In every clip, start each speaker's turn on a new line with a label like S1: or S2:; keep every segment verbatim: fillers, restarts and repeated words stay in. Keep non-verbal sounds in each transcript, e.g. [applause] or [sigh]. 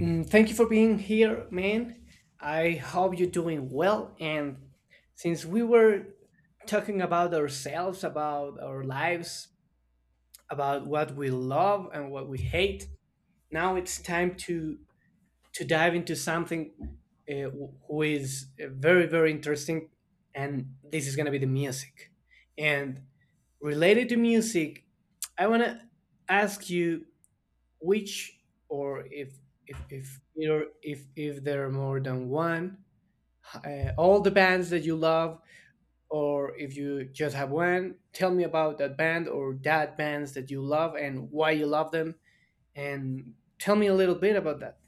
S1: Mm, Thank you for being here, man. I hope you're doing well. And since we were talking about ourselves, about our lives, about what we love and what we hate, now it's time to to dive into something uh, wh- who is uh, very very interesting, and this is gonna be the music. And related to music, I wanna ask you which or if if if you're, if if there are more than one uh, all the bands that you love, or if you just have one. Tell me about that band or that bands that you love and why you love them, and tell me a little bit about that.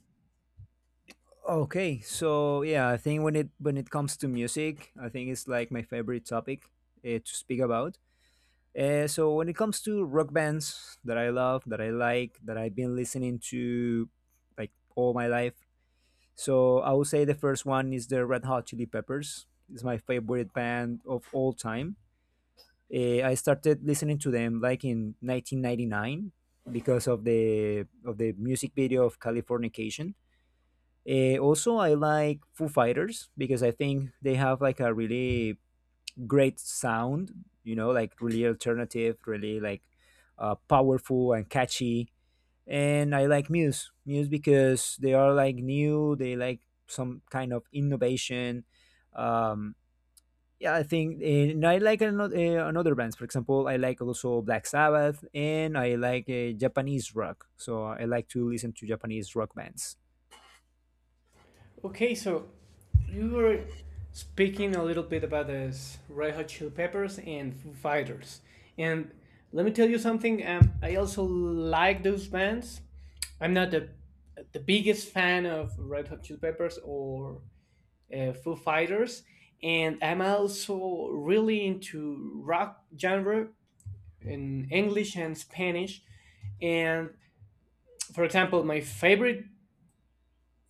S2: Okay, so yeah, I think when it when it comes to music, I think it's like my favorite topic uh, to speak about. Uh, so when it comes to rock bands that I love, that I like, that I've been listening to like all my life, so I would say the first one is the Red Hot Chili Peppers. It's my favorite band of all time. Uh, I started listening to them like in nineteen ninety-nine because of the of the music video of Californication. Uh, also, I like Foo Fighters because I think they have like a really great sound, you know, like really alternative, really like uh, powerful and catchy. And I like Muse, Muse because they are like new, they like some kind of innovation. Um, yeah, I think, eh, and I like another, uh, another bands. For example, I like also Black Sabbath, and I like uh, Japanese rock. So I like to listen to Japanese rock bands.
S1: Okay, so you were speaking a little bit about the s- Red Hot Chili Peppers and Foo Fighters, and let me tell you something. Um, I also like those bands. I'm not the the biggest fan of Red Hot Chili Peppers or uh, Foo Fighters, and I'm also really into rock genre in English and Spanish. And for example, my favorite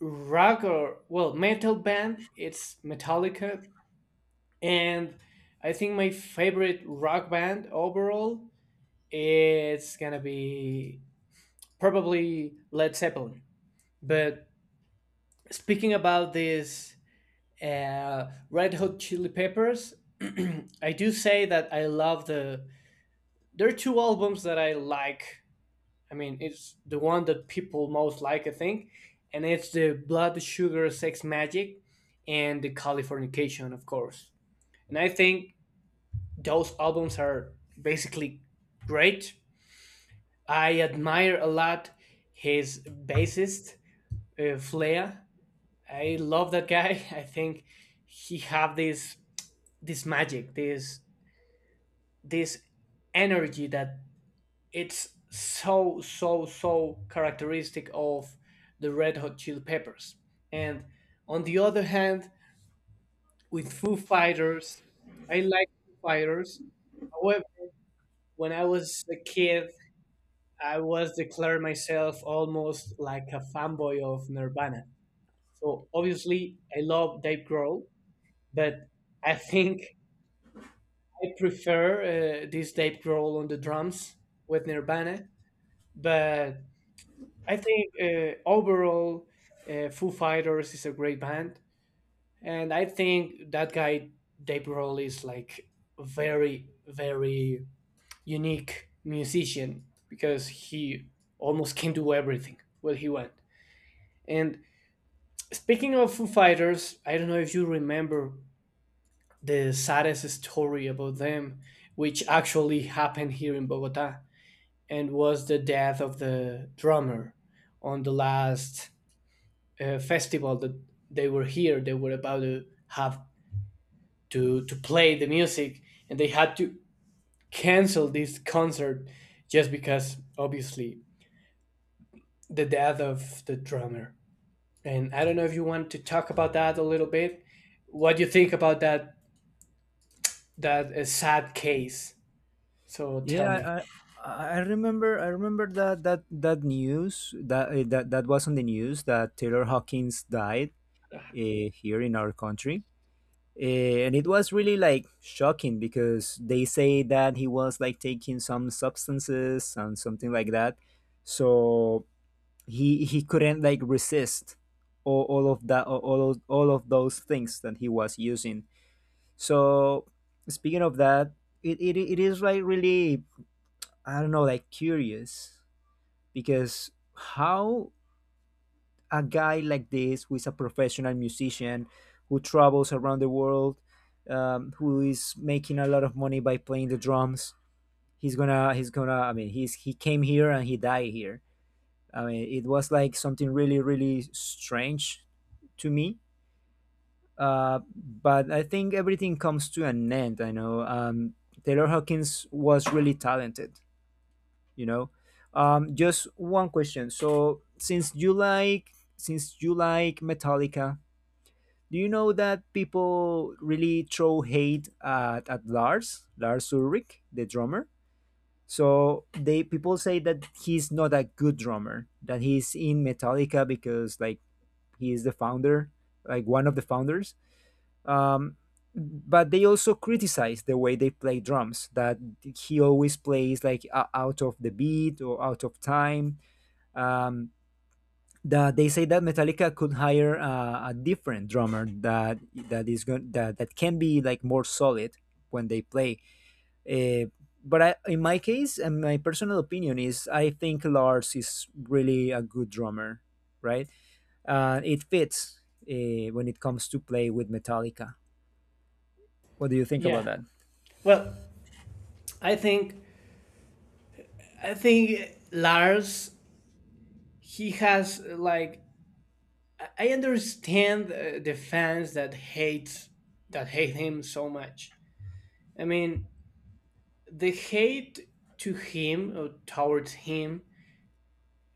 S1: rock, or well, metal band, it's Metallica, and I think my favorite rock band overall it's gonna be probably Led Zeppelin. But speaking about this uh, Red Hot Chili Peppers, [clears throat] I do say that i love the There are two albums that I like. I mean, it's the one that people most like, I think, and it's the Blood Sugar Sex Magic and the Californication, of course. And I think those albums are basically great. I admire a lot his bassist, uh, Flea. I love that guy. [laughs] I think he have this this magic, this this energy that it's so so so characteristic of the Red Hot Chili Peppers. And on the other hand, with Foo Fighters, I like Foo Fighters. However, when I was a kid, I was declared myself almost like a fanboy of Nirvana. So obviously, I love Dave Grohl, but I think I prefer uh, this Dave Grohl on the drums with Nirvana. But I think uh, overall, uh, Foo Fighters is a great band, and I think that guy Dave Grohl is like a very very unique musician because he almost can do everything what he want. And speaking of Foo Fighters, I don't know if you remember the saddest story about them, which actually happened here in Bogota, and was the death of the drummer on the last uh, festival that they were here they were about to have to to play the music, and they had to cancel this concert just because, obviously, the death of the drummer. And I don't know if you want to talk about that a little bit. What do you think about that, that uh, sad case? So tell
S2: Yeah, I
S1: me.
S2: I I remember I remember that that that news that eh, that that was on the news that Taylor Hawkins died uh, here in our country. Eh, and it was really like shocking because they say that he was like taking some substances and something like that, so he he couldn't like resist all, all of that all all of, all of those things that he was using. So speaking of that, it, it, it is like really, I don't know, like curious, because how a guy like this, who is a professional musician, who travels around the world, um, who is making a lot of money by playing the drums, he's gonna, he's gonna. I mean, he's he came here and he died here. I mean, it was like something really, really strange to me. Uh, but I think everything comes to an end. I know, um, Taylor Hawkins was really talented. You know, um just one question. So since you like since you like Metallica, do you know that people really throw hate at, at lars lars Ulrich, the drummer? So they, people say that he's not a good drummer, that he's in Metallica because like he is the founder, like one of the founders. um but they also criticize the way they play drums, that he always plays like o- out of the beat or out of time. um, that they say that Metallica could hire uh, a different drummer that that is going that, that can be like more solid when they play. Uh, but I, in my case, and my personal opinion is, I think Lars is really a good drummer, right? Uh, it fits uh, when it comes to play with Metallica. What do you think
S1: Yeah,
S2: about that?
S1: well, i think i think Lars, he has like, I understand uh, the fans that hate that hate him so much. I mean, the hate to him, or towards him,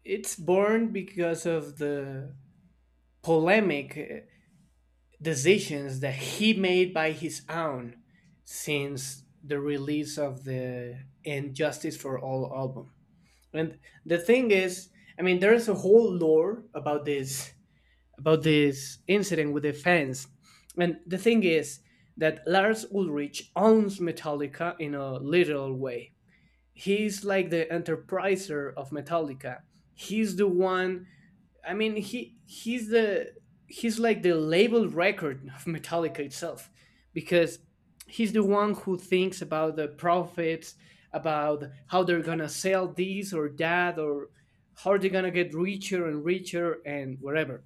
S1: it's born because of the polemic uh, decisions that he made by his own since the release of the Injustice for All album. And the thing is, I mean, there's a whole lore about this about this incident with the fans. And the thing is that Lars Ulrich owns Metallica in a literal way. He's like the enterpriser of Metallica. He's the one. I mean, he he's the he's like the label record of Metallica itself, because he's the one who thinks about the profits, about how they're gonna sell this or that, or how they're gonna get richer and richer and whatever.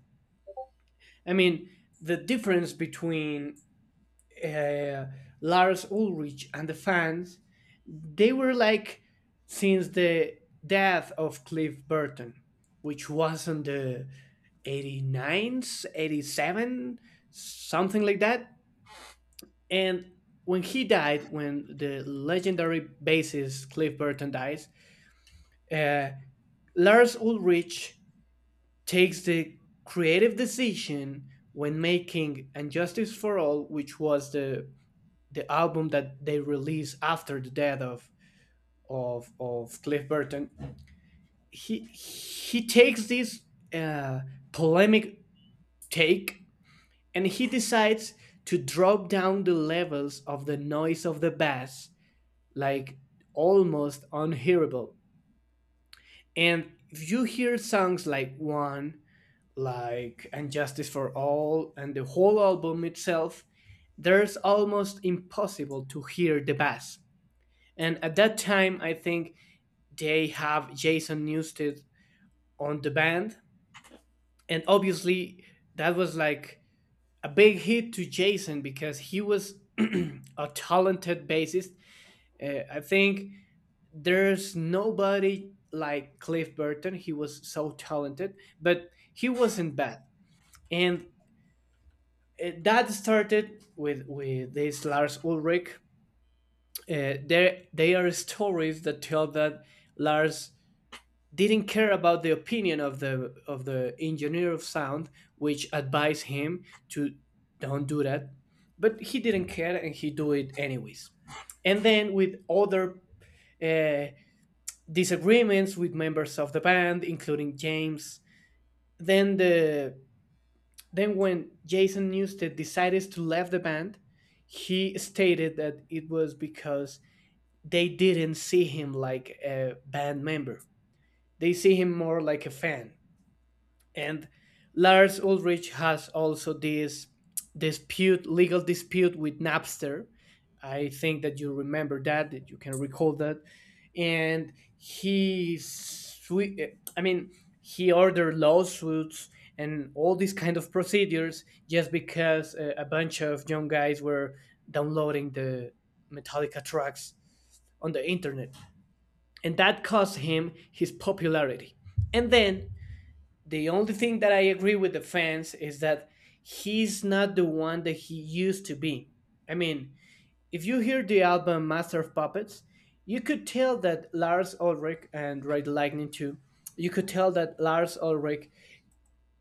S1: I mean, the difference between uh, Lars Ulrich and the fans, they were like, since the death of Cliff Burton, which was on the 89s, eighty-seven, something like that. And when he died, when the legendary bassist Cliff Burton dies, uh, Lars Ulrich takes the creative decision when making Injustice for All, which was the the album that they released after the death of of, of Cliff Burton. He he takes this uh, polemic take, and he decides to drop down the levels of the noise of the bass like almost unhearable. And if you hear songs like One, like And Justice for All, and the whole album itself, there's almost impossible to hear the bass. And at that time, I think they have Jason Newsted on the band. And obviously, that was like a big hit to Jason because he was [clears throat] a talented bassist. Uh, I think there's nobody like Cliff Burton. He was so talented, but he wasn't bad. And Uh, that started with with this Lars Ulrich. Uh, there they are stories that tell that Lars didn't care about the opinion of the of the engineer of sound, which advised him to don't do that, but he didn't care and he do it anyways. And then with other uh, disagreements with members of the band, including James, then the Then, when Jason Newsted decided to leave the band, he stated that it was because they didn't see him like a band member. They see him more like a fan. And Lars Ulrich has also this dispute, legal dispute, with Napster. I think that you remember that, that you can recall that, and he, swe- I mean, he ordered lawsuits and all these kind of procedures just because a, a bunch of young guys were downloading the Metallica tracks on the internet, and that cost him his popularity. And then the only thing that I agree with the fans is that he's not the one that he used to be. I mean, if you hear the album Master of Puppets, you could tell that Lars Ulrich, and Ride the Lightning too, you could tell that Lars Ulrich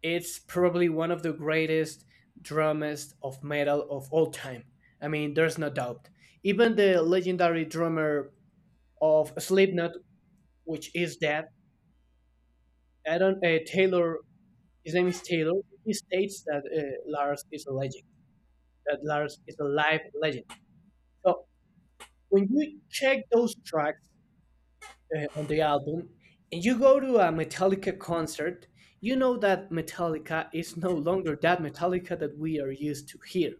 S1: is probably one of the greatest drummers of metal of all time. I mean, there's no doubt. Even the legendary drummer of Slipknot, which is dead, I don't uh, Taylor. His name is Taylor. He states that uh, Lars is a legend, that Lars is a live legend. So when you check those tracks uh, on the album, and you go to a Metallica concert, you know that Metallica is no longer that Metallica that we are used to hear.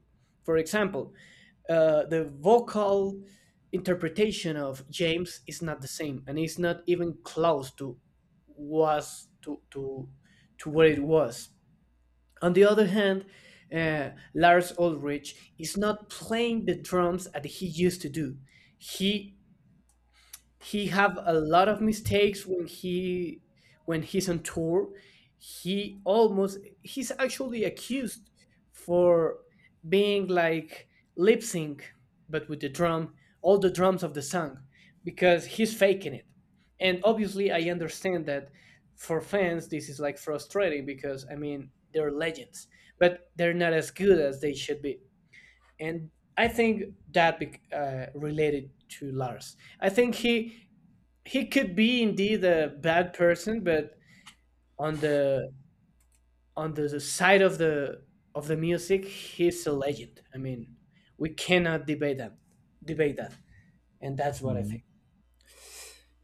S1: For example, uh, the vocal interpretation of James is not the same, and it's not even close to was to to to what it was. On the other hand, uh, Lars Ulrich is not playing the drums as he used to do. He he have a lot of mistakes when he when he's on tour. He almost, he's actually accused for being like lip sync, but with the drum, all the drums of the song, because he's faking it. And obviously, I understand that for fans this is like frustrating, because I mean, they're legends, but they're not as good as they should be. And I think that bec- uh, related to Lars, I think he he could be indeed a bad person, but on the on the side of the of the music, he's a legend. I mean, we cannot debate that, debate that, and that's what I
S2: Mm.
S1: think.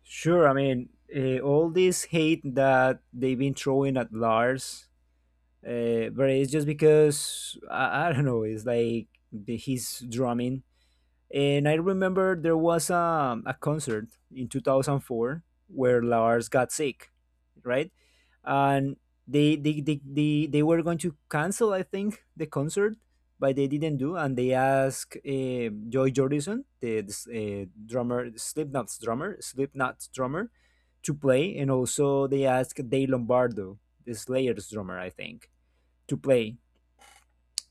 S2: Sure, I mean, uh, all this hate that they've been throwing at Lars, uh, but it's just because I, I don't know. It's like the, his drumming. And I remember there was um, a concert in two thousand four where Lars got sick, right? And they they, they, they they were going to cancel, I think, the concert, but they didn't do. And they asked uh, Joy Jordison, the uh, drummer, Slipknot's drummer, Slipknot's drummer, to play. And also they asked Dave Lombardo, the Slayer's drummer, I think, to play.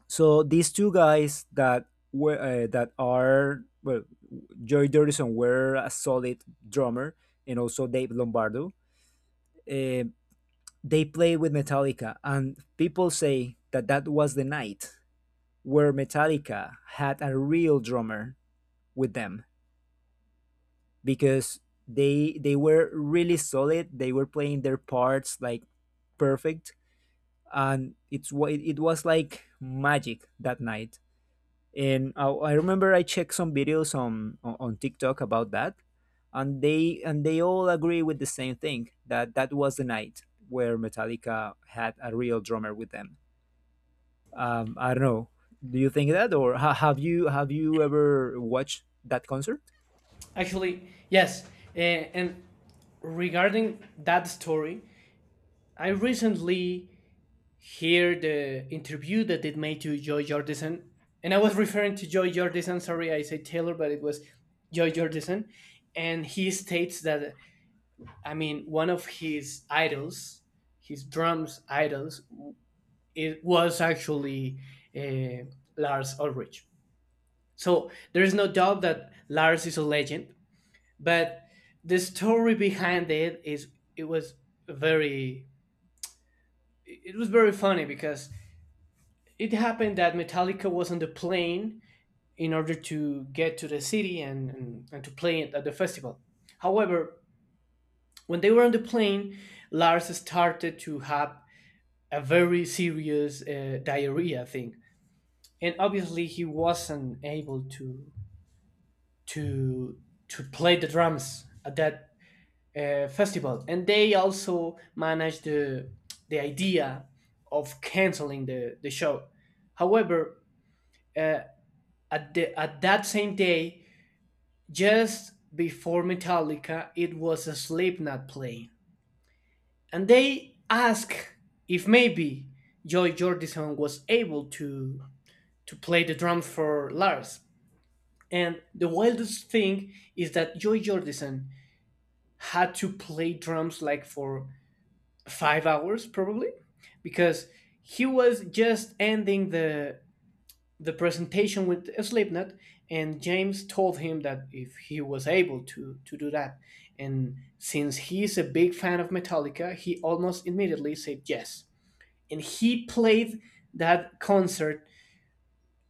S2: So these two guys that were uh, that are, well, Joy Dorison were a solid drummer, and also Dave Lombardo. Uh, they played with Metallica, and people say that that was the night where Metallica had a real drummer with them, because they they were really solid. They were playing their parts like perfect, and it's wa- it was like magic that night. And I, I remember I checked some videos on, on on TikTok about that, and they and they all agree with the same thing, that that was the night where Metallica had a real drummer with them. Um, I don't know. Do you think that, or ha- have you, have you ever watched that concert?
S1: Actually, yes, uh, and regarding that story, I recently hear the interview that it made to Joy Jordison, and I was referring to Joy Jordison. Sorry, I said Taylor, but it was Joy Jordison, and he states that, I mean, one of his idols, his drums idols, it was actually uh, Lars Ulrich. So there is no doubt that Lars is a legend, but the story behind it is, it was very, it was very funny because it happened that Metallica was on the plane in order to get to the city, and, and, and to play it at the festival. However, when they were on the plane, Lars started to have a very serious uh, diarrhea thing, and obviously he wasn't able to to to play the drums at that uh, festival, and they also managed the the idea of canceling the the show. However, uh, at the at that same day, just before Metallica, it was a Slipknot play, and they asked if maybe Joy Jordison was able to to play the drums for Lars. And the wildest thing is that Joy Jordison had to play drums like for five hours probably, because he was just ending the the presentation with Slipknot, and James told him that if he was able to to do that, and since he is a big fan of Metallica, he almost immediately said yes, and he played that concert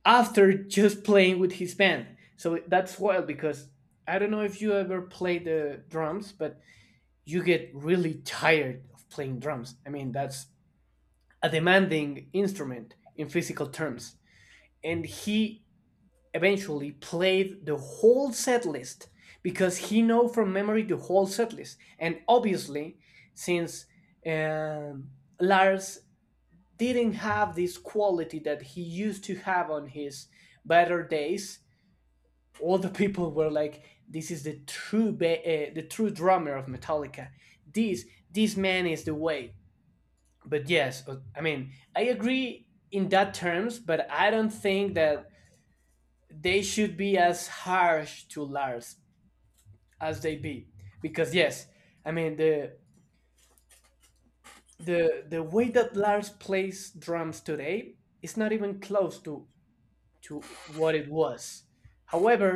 S1: after just playing with his band. So that's wild because I don't know if you ever play the drums, but you get really tired of playing drums. I mean, that's a demanding instrument in physical terms. And he eventually played the whole set list because he know from memory the whole set list. And obviously, since um, Lars didn't have this quality that he used to have on his better days, all the people were like, "This is the true ba- uh, the true drummer of Metallica. This this man is the way." But yes, uh, I mean, I agree in that terms, but I don't think that they should be as harsh to Lars as they be, because yes, I mean the the the way that Lars plays drums today is not even close to to what it was. However,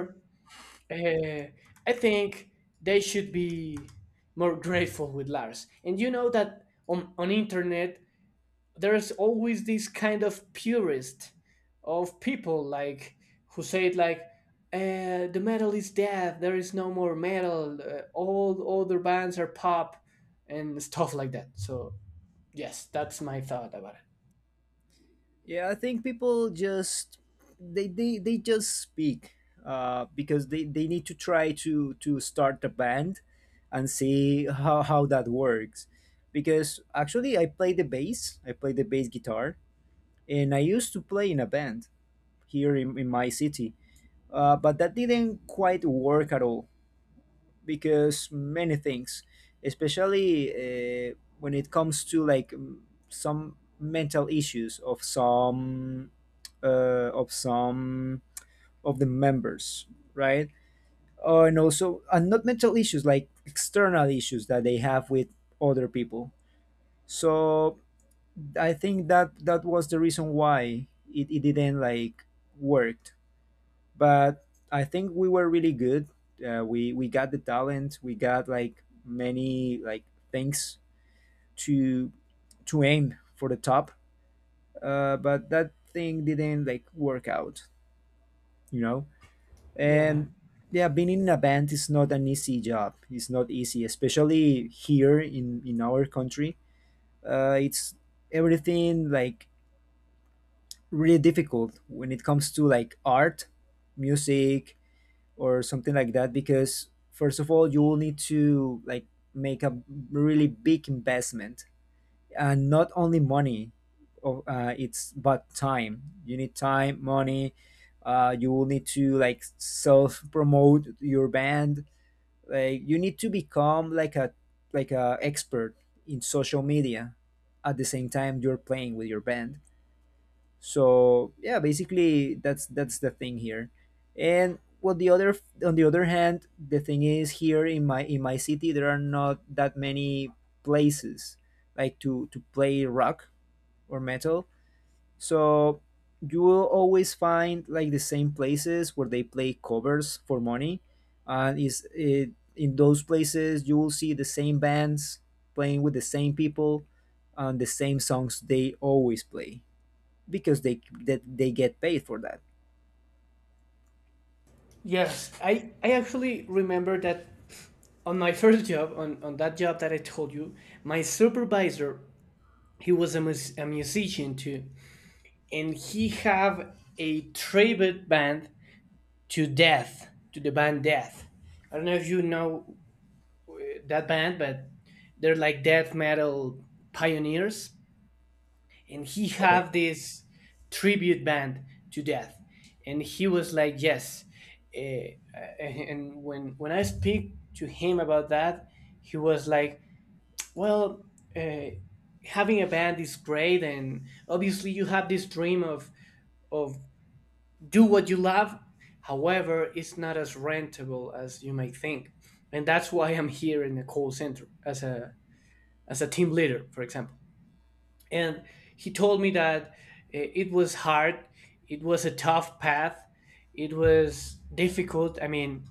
S1: Uh, I think they should be more [laughs] grateful with Lars. And you know that on on internet there's always this kind of purist of people like who say it like uh, the metal is dead. There is no more metal. Uh, all other bands are pop and [laughs] stuff like that. So yes, that's my thought about it.
S2: Yeah, I think people just they they, they just speak uh, because they, they need to try to to start a band and see how, how that works. Because actually, I play the bass, I play the bass guitar, and I used to play in a band here in, in my city, uh, but that didn't quite work at all because many things, especially uh, when it comes to like m- some mental issues of some uh, of some of the members, right? Uh, and also, and not mental issues, like external issues that they have with other people. So I think that that was the reason why it, it didn't like work, but I think we were really good. Uh, we we got the talent. We got like many like things to to aim for the top. Uh, but that thing didn't like work out, you know.
S1: Yeah.
S2: And yeah, being in a band is not an easy job. It's not easy, especially here in in our country. Uh, it's everything like really difficult when it comes to like art, music, or something like that, because first of all you will need to like make a really big investment, and not only money, o- uh, it's but time. You need time, money. Uh, you will need to like self promote your band, like you need to become like a like a expert in social media at the same time you're playing with your band. So yeah, basically that's that's the thing here. And, well, the other on the other hand, the thing is, here in my in my city there are not that many places like to to play rock or metal. So you will always find like the same places where they play covers for money, and is it, in those places you will see the same bands playing with the same people and the same songs they always play, because they that they get paid for that.
S1: Yes, I I actually remember that on my [laughs] first job, on, on that job that I told you, my supervisor, he was a, mus- a musician too, and he have a tribute band to Death, to the band Death. I don't know if you know that band, but they're like death metal pioneers, and he
S2: Okay.
S1: have this tribute band to Death, and he was like, yes. eh, eh, and when when I speak to him about that, he was like, well, uh, having a band is great, and obviously you have this dream of of do what you love. However, it's not as rentable as you might think, and that's why I'm here in the call center as a as a team leader, for example. And he told me that uh, it was hard, it was a tough path, it was difficult. I mean,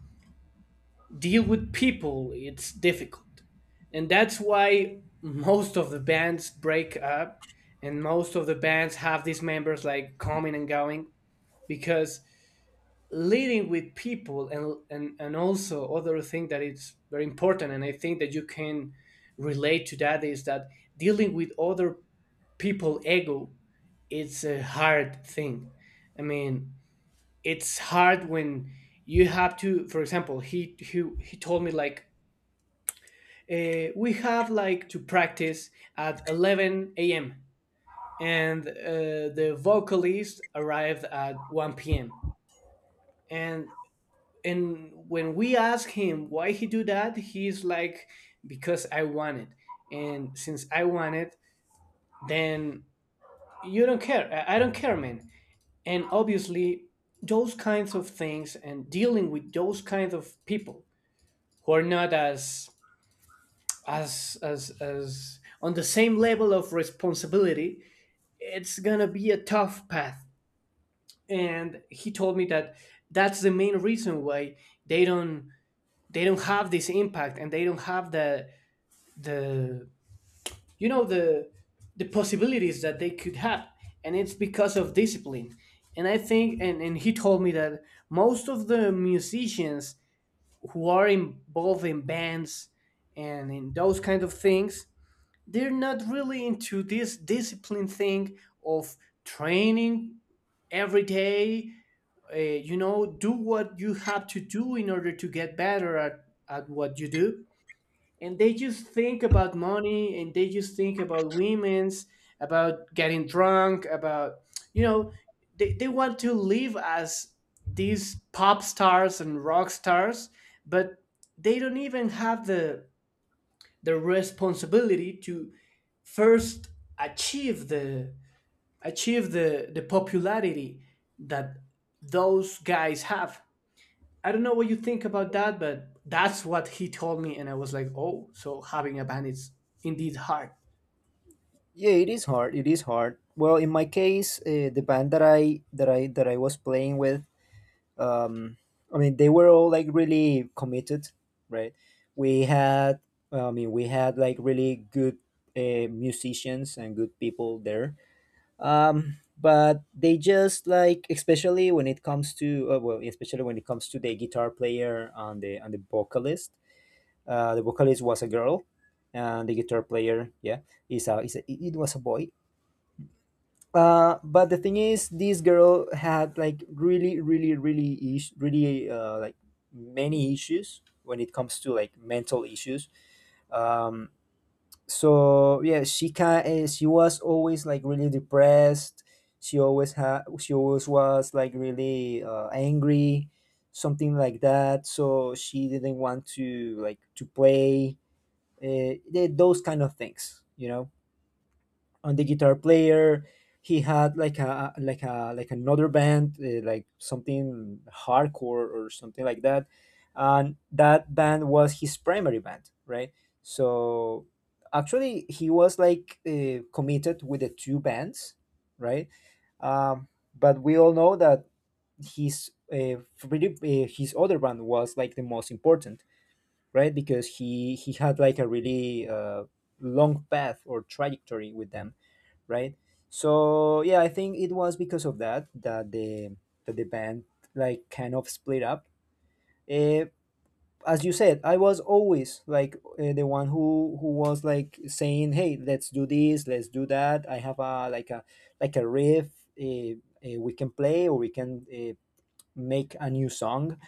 S1: deal with people it's difficult and that's why most of the bands break up and most of the bands have these members like coming and going because leading with people and and, and also other thing that it's very important and I think that you can relate to that is that dealing with other people ego it's a hard thing. I mean, it's hard when you have to, for example, he he, he told me like uh, we have like to practice at eleven a m and uh, the vocalist arrived at one p m and and when we ask him why he do that, he's like because I want it, and since I want it, then you don't care. I I don't care, man. And obviously, those kinds of things and dealing with those kinds of people who are not as as as as on the same level of responsibility it's gonna be a tough path, and he told me that that's the main reason why they don't they don't have this impact and they don't have the the you know the the possibilities that they could have, and it's because of discipline. And I think and, and he told me that most of the musicians who are involved in bands and in those kind of things, they're not really into this discipline thing of training every day. Uh, you know, do what you have to do in order to get better at, at what you do. And they just think about money and they just think about women's, about getting drunk, about you know, they, they want to live as these pop stars and rock stars, but they don't even have the the responsibility to first achieve the achieve the the popularity that those guys have. I don't know what you think about that, but that's what he told me, and I was like, oh, so having a band is indeed hard.
S2: Yeah, it is hard. It is hard. Well, in my case, uh, the band that I that I that I was playing with, um, I mean, they were all like really committed, right? We had, I mean, we had like really good uh, musicians and good people there. Um, but they just like, especially when it comes to, uh, well, especially when it comes to the guitar player and the and the vocalist. Uh, the vocalist was a girl, and the guitar player, yeah, is a, is a it was a boy. Uh, but the thing is, this girl had like really, really, really, is- really uh, like many issues when it comes to like mental issues. Um, so yeah, she can. She was always like really depressed. She always had. She always was like really uh, angry, something like that. So she didn't want to like to play uh, the, those kind of things, you know. On the guitar player, he had like a like a like another band, uh, like something hardcore or something like that, and that band was his primary band, right? So actually he was like uh, committed with the two bands, right? um, but we all know that his uh, pretty, uh, his other band was like the most important, right? Because he he had like a really uh, long path or trajectory with them, right? So yeah, I think it was because of that that the that the band like kind of split up. Uh, as you said, I was always like uh, the one who who was like saying, "Hey, let's do this, let's do that. I have a like a like a riff, uh, uh, we can play, or we can uh, make a new song."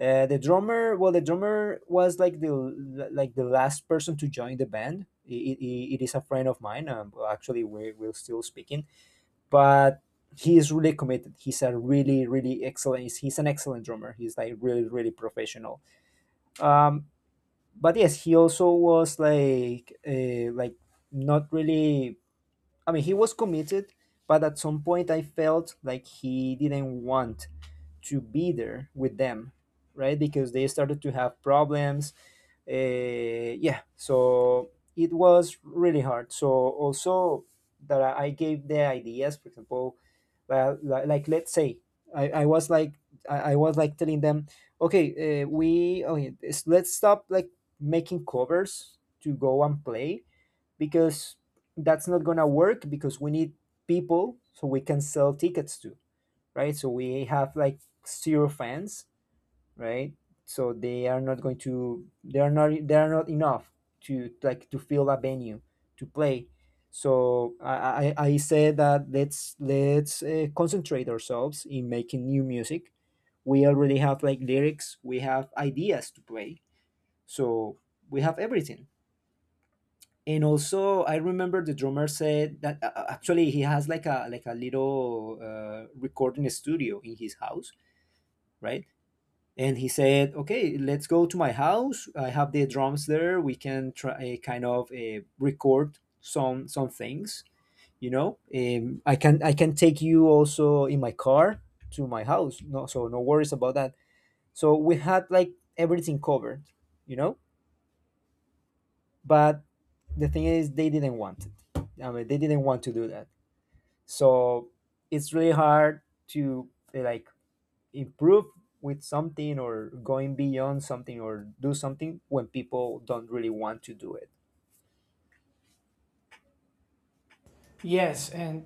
S2: uh, The drummer, well, the drummer was like the like the last person to join the band. It, it, it is a friend of mine. Um, well, actually, we we're still speaking, but he is really committed. He's a really really excellent. He's, he's an excellent drummer. He's like really really professional. Um, but yes, he also was like uh, like not really. I mean, he was committed, but at some point I felt like he didn't want to be there with them, right? Because they started to have problems. Uh, yeah, so it was really hard. So also that I I gave the ideas, for example, well, li- like let's say I, I was like I, I was like telling them, okay, uh, we okay, it's- let's stop like making covers to go and play, because that's not gonna work because we need people so we can sell tickets to, right? So we have like zero fans, right? So they are not going to they are not they are not enough to like to fill a venue to play. So I I, I said that let's let's uh, concentrate ourselves in making new music. We already have like lyrics, we have ideas to play, so we have everything. And also, I remember the drummer said that uh, uh, actually he has like a like a little uh, recording studio in his house, right? And he said, okay, let's go to my house, I have the drums there, we can try, eh, kind of uh, record some some things, you know. um, I can I can take you also in my car to my house, no so no worries about that. So we had like everything covered, you know. But the thing is they didn't want it. I mean, they didn't want to do that. So it's really hard to uh, like improve with something or going beyond something or do something when people don't really want to do it.
S1: Yes, and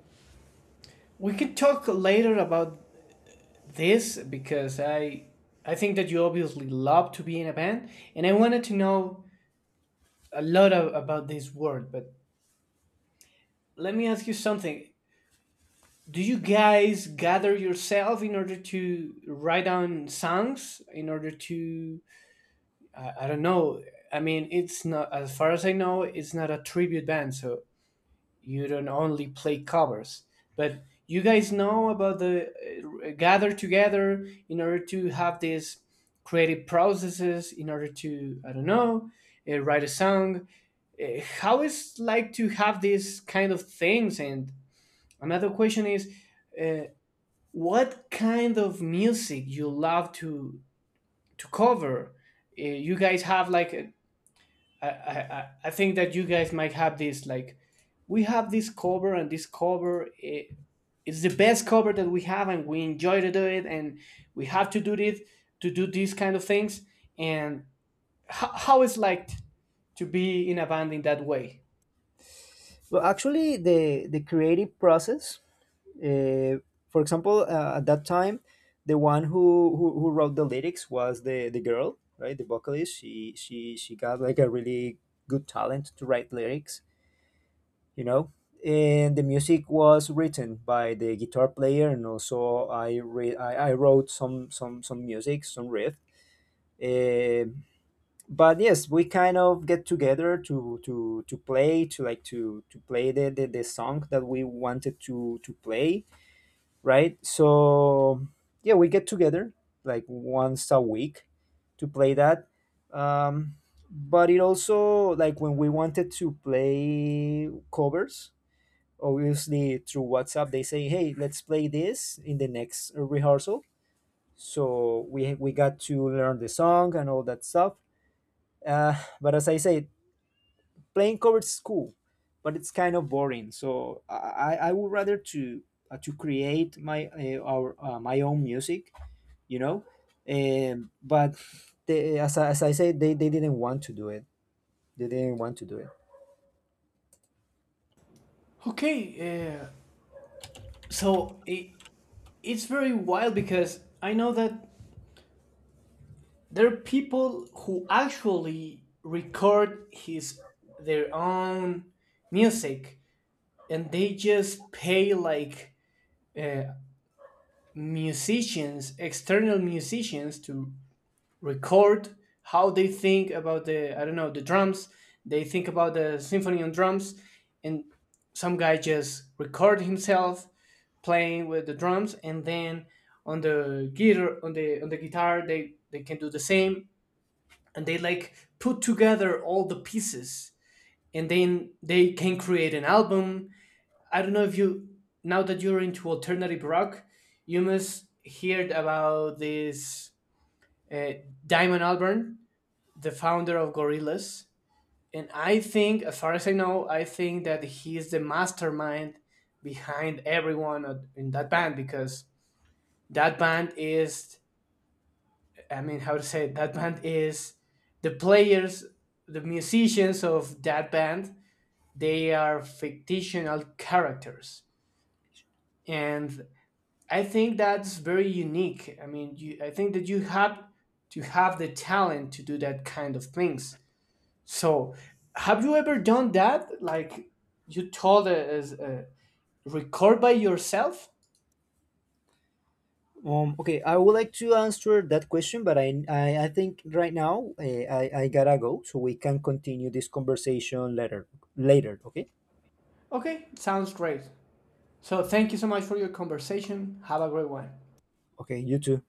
S1: we could talk later about this because I I think that you obviously love to be in a band, and I wanted to know a lot of, about this word. But let me ask you something. Do you guys gather yourself in order to write down songs in order to I, I don't know. I mean, it's not, as far as I know, it's not a tribute band, so you don't only play covers, but you guys know about the uh, gather together in order to have these creative processes in order to, I don't know, uh, write a song. Uh, how is like to have these kind of things? And another question is, uh, what kind of music you love to to cover? Uh, you guys have like a- I I I- I think that you guys might have this like we have this cover and this cover, eh, it's the best cover that we have and we enjoy to do it and we have to do it to do these kind of things, and ho- how it's like to be in a band in that way.
S2: Well, actually, the the creative process, uh, for example, uh, at that time, the one who, who who wrote the lyrics was the the girl, right, the vocalist. She she she got like a really good talent to write lyrics, you know. And the music was written by the guitar player, and also i re- I, I wrote some some some music, some riffs. uh, but yes, we kind of get together to to to play, to like to to play the, the the song that we wanted to to play, right? So yeah, we get together like once a week to play that. um but it also like when we wanted to play covers, obviously through WhatsApp they say, "Hey, let's play this in the next rehearsal." So we we got to learn the song and all that stuff. Uh, but as I say, playing cover is cool, but it's kind of boring. So I, I I would rather to uh, to create my uh, our uh, my own music, you know. Um, but they, as I, as I said, they, they didn't want to do it. They didn't want to do it.
S1: Okay. uh, so it, it's very wild because I know that there are people who actually record his their own music, and they just pay like uh, musicians, external musicians to record how they think about the, I don't know, the drums, they think about the symphony on drums, and some guy just record himself playing with the drums, and then on the guitar on the on the guitar they they can do the same, and they like put together all the pieces, and then they can create an album. I don't know if you, now that you're into alternative rock, you must heard about this uh, Diamond Albarn, the founder of Gorillaz, and I think, as far as I know, I think that he is the mastermind behind everyone in that band because that band is, I mean, how to say it, that band is the players, the musicians of that band, they are fictional characters. And I think that's very unique. I mean, you, I think that you have to have the talent to do that kind of things. So, have you ever done that? Like you told us, uh, record by yourself?
S2: Um, okay, I would like to answer that question, but I I, I think right now uh, I I gotta go, so we can continue this conversation later. Later, okay?
S1: Okay, sounds great. So, thank you so much for your conversation. Have a great one.
S2: Okay, you too.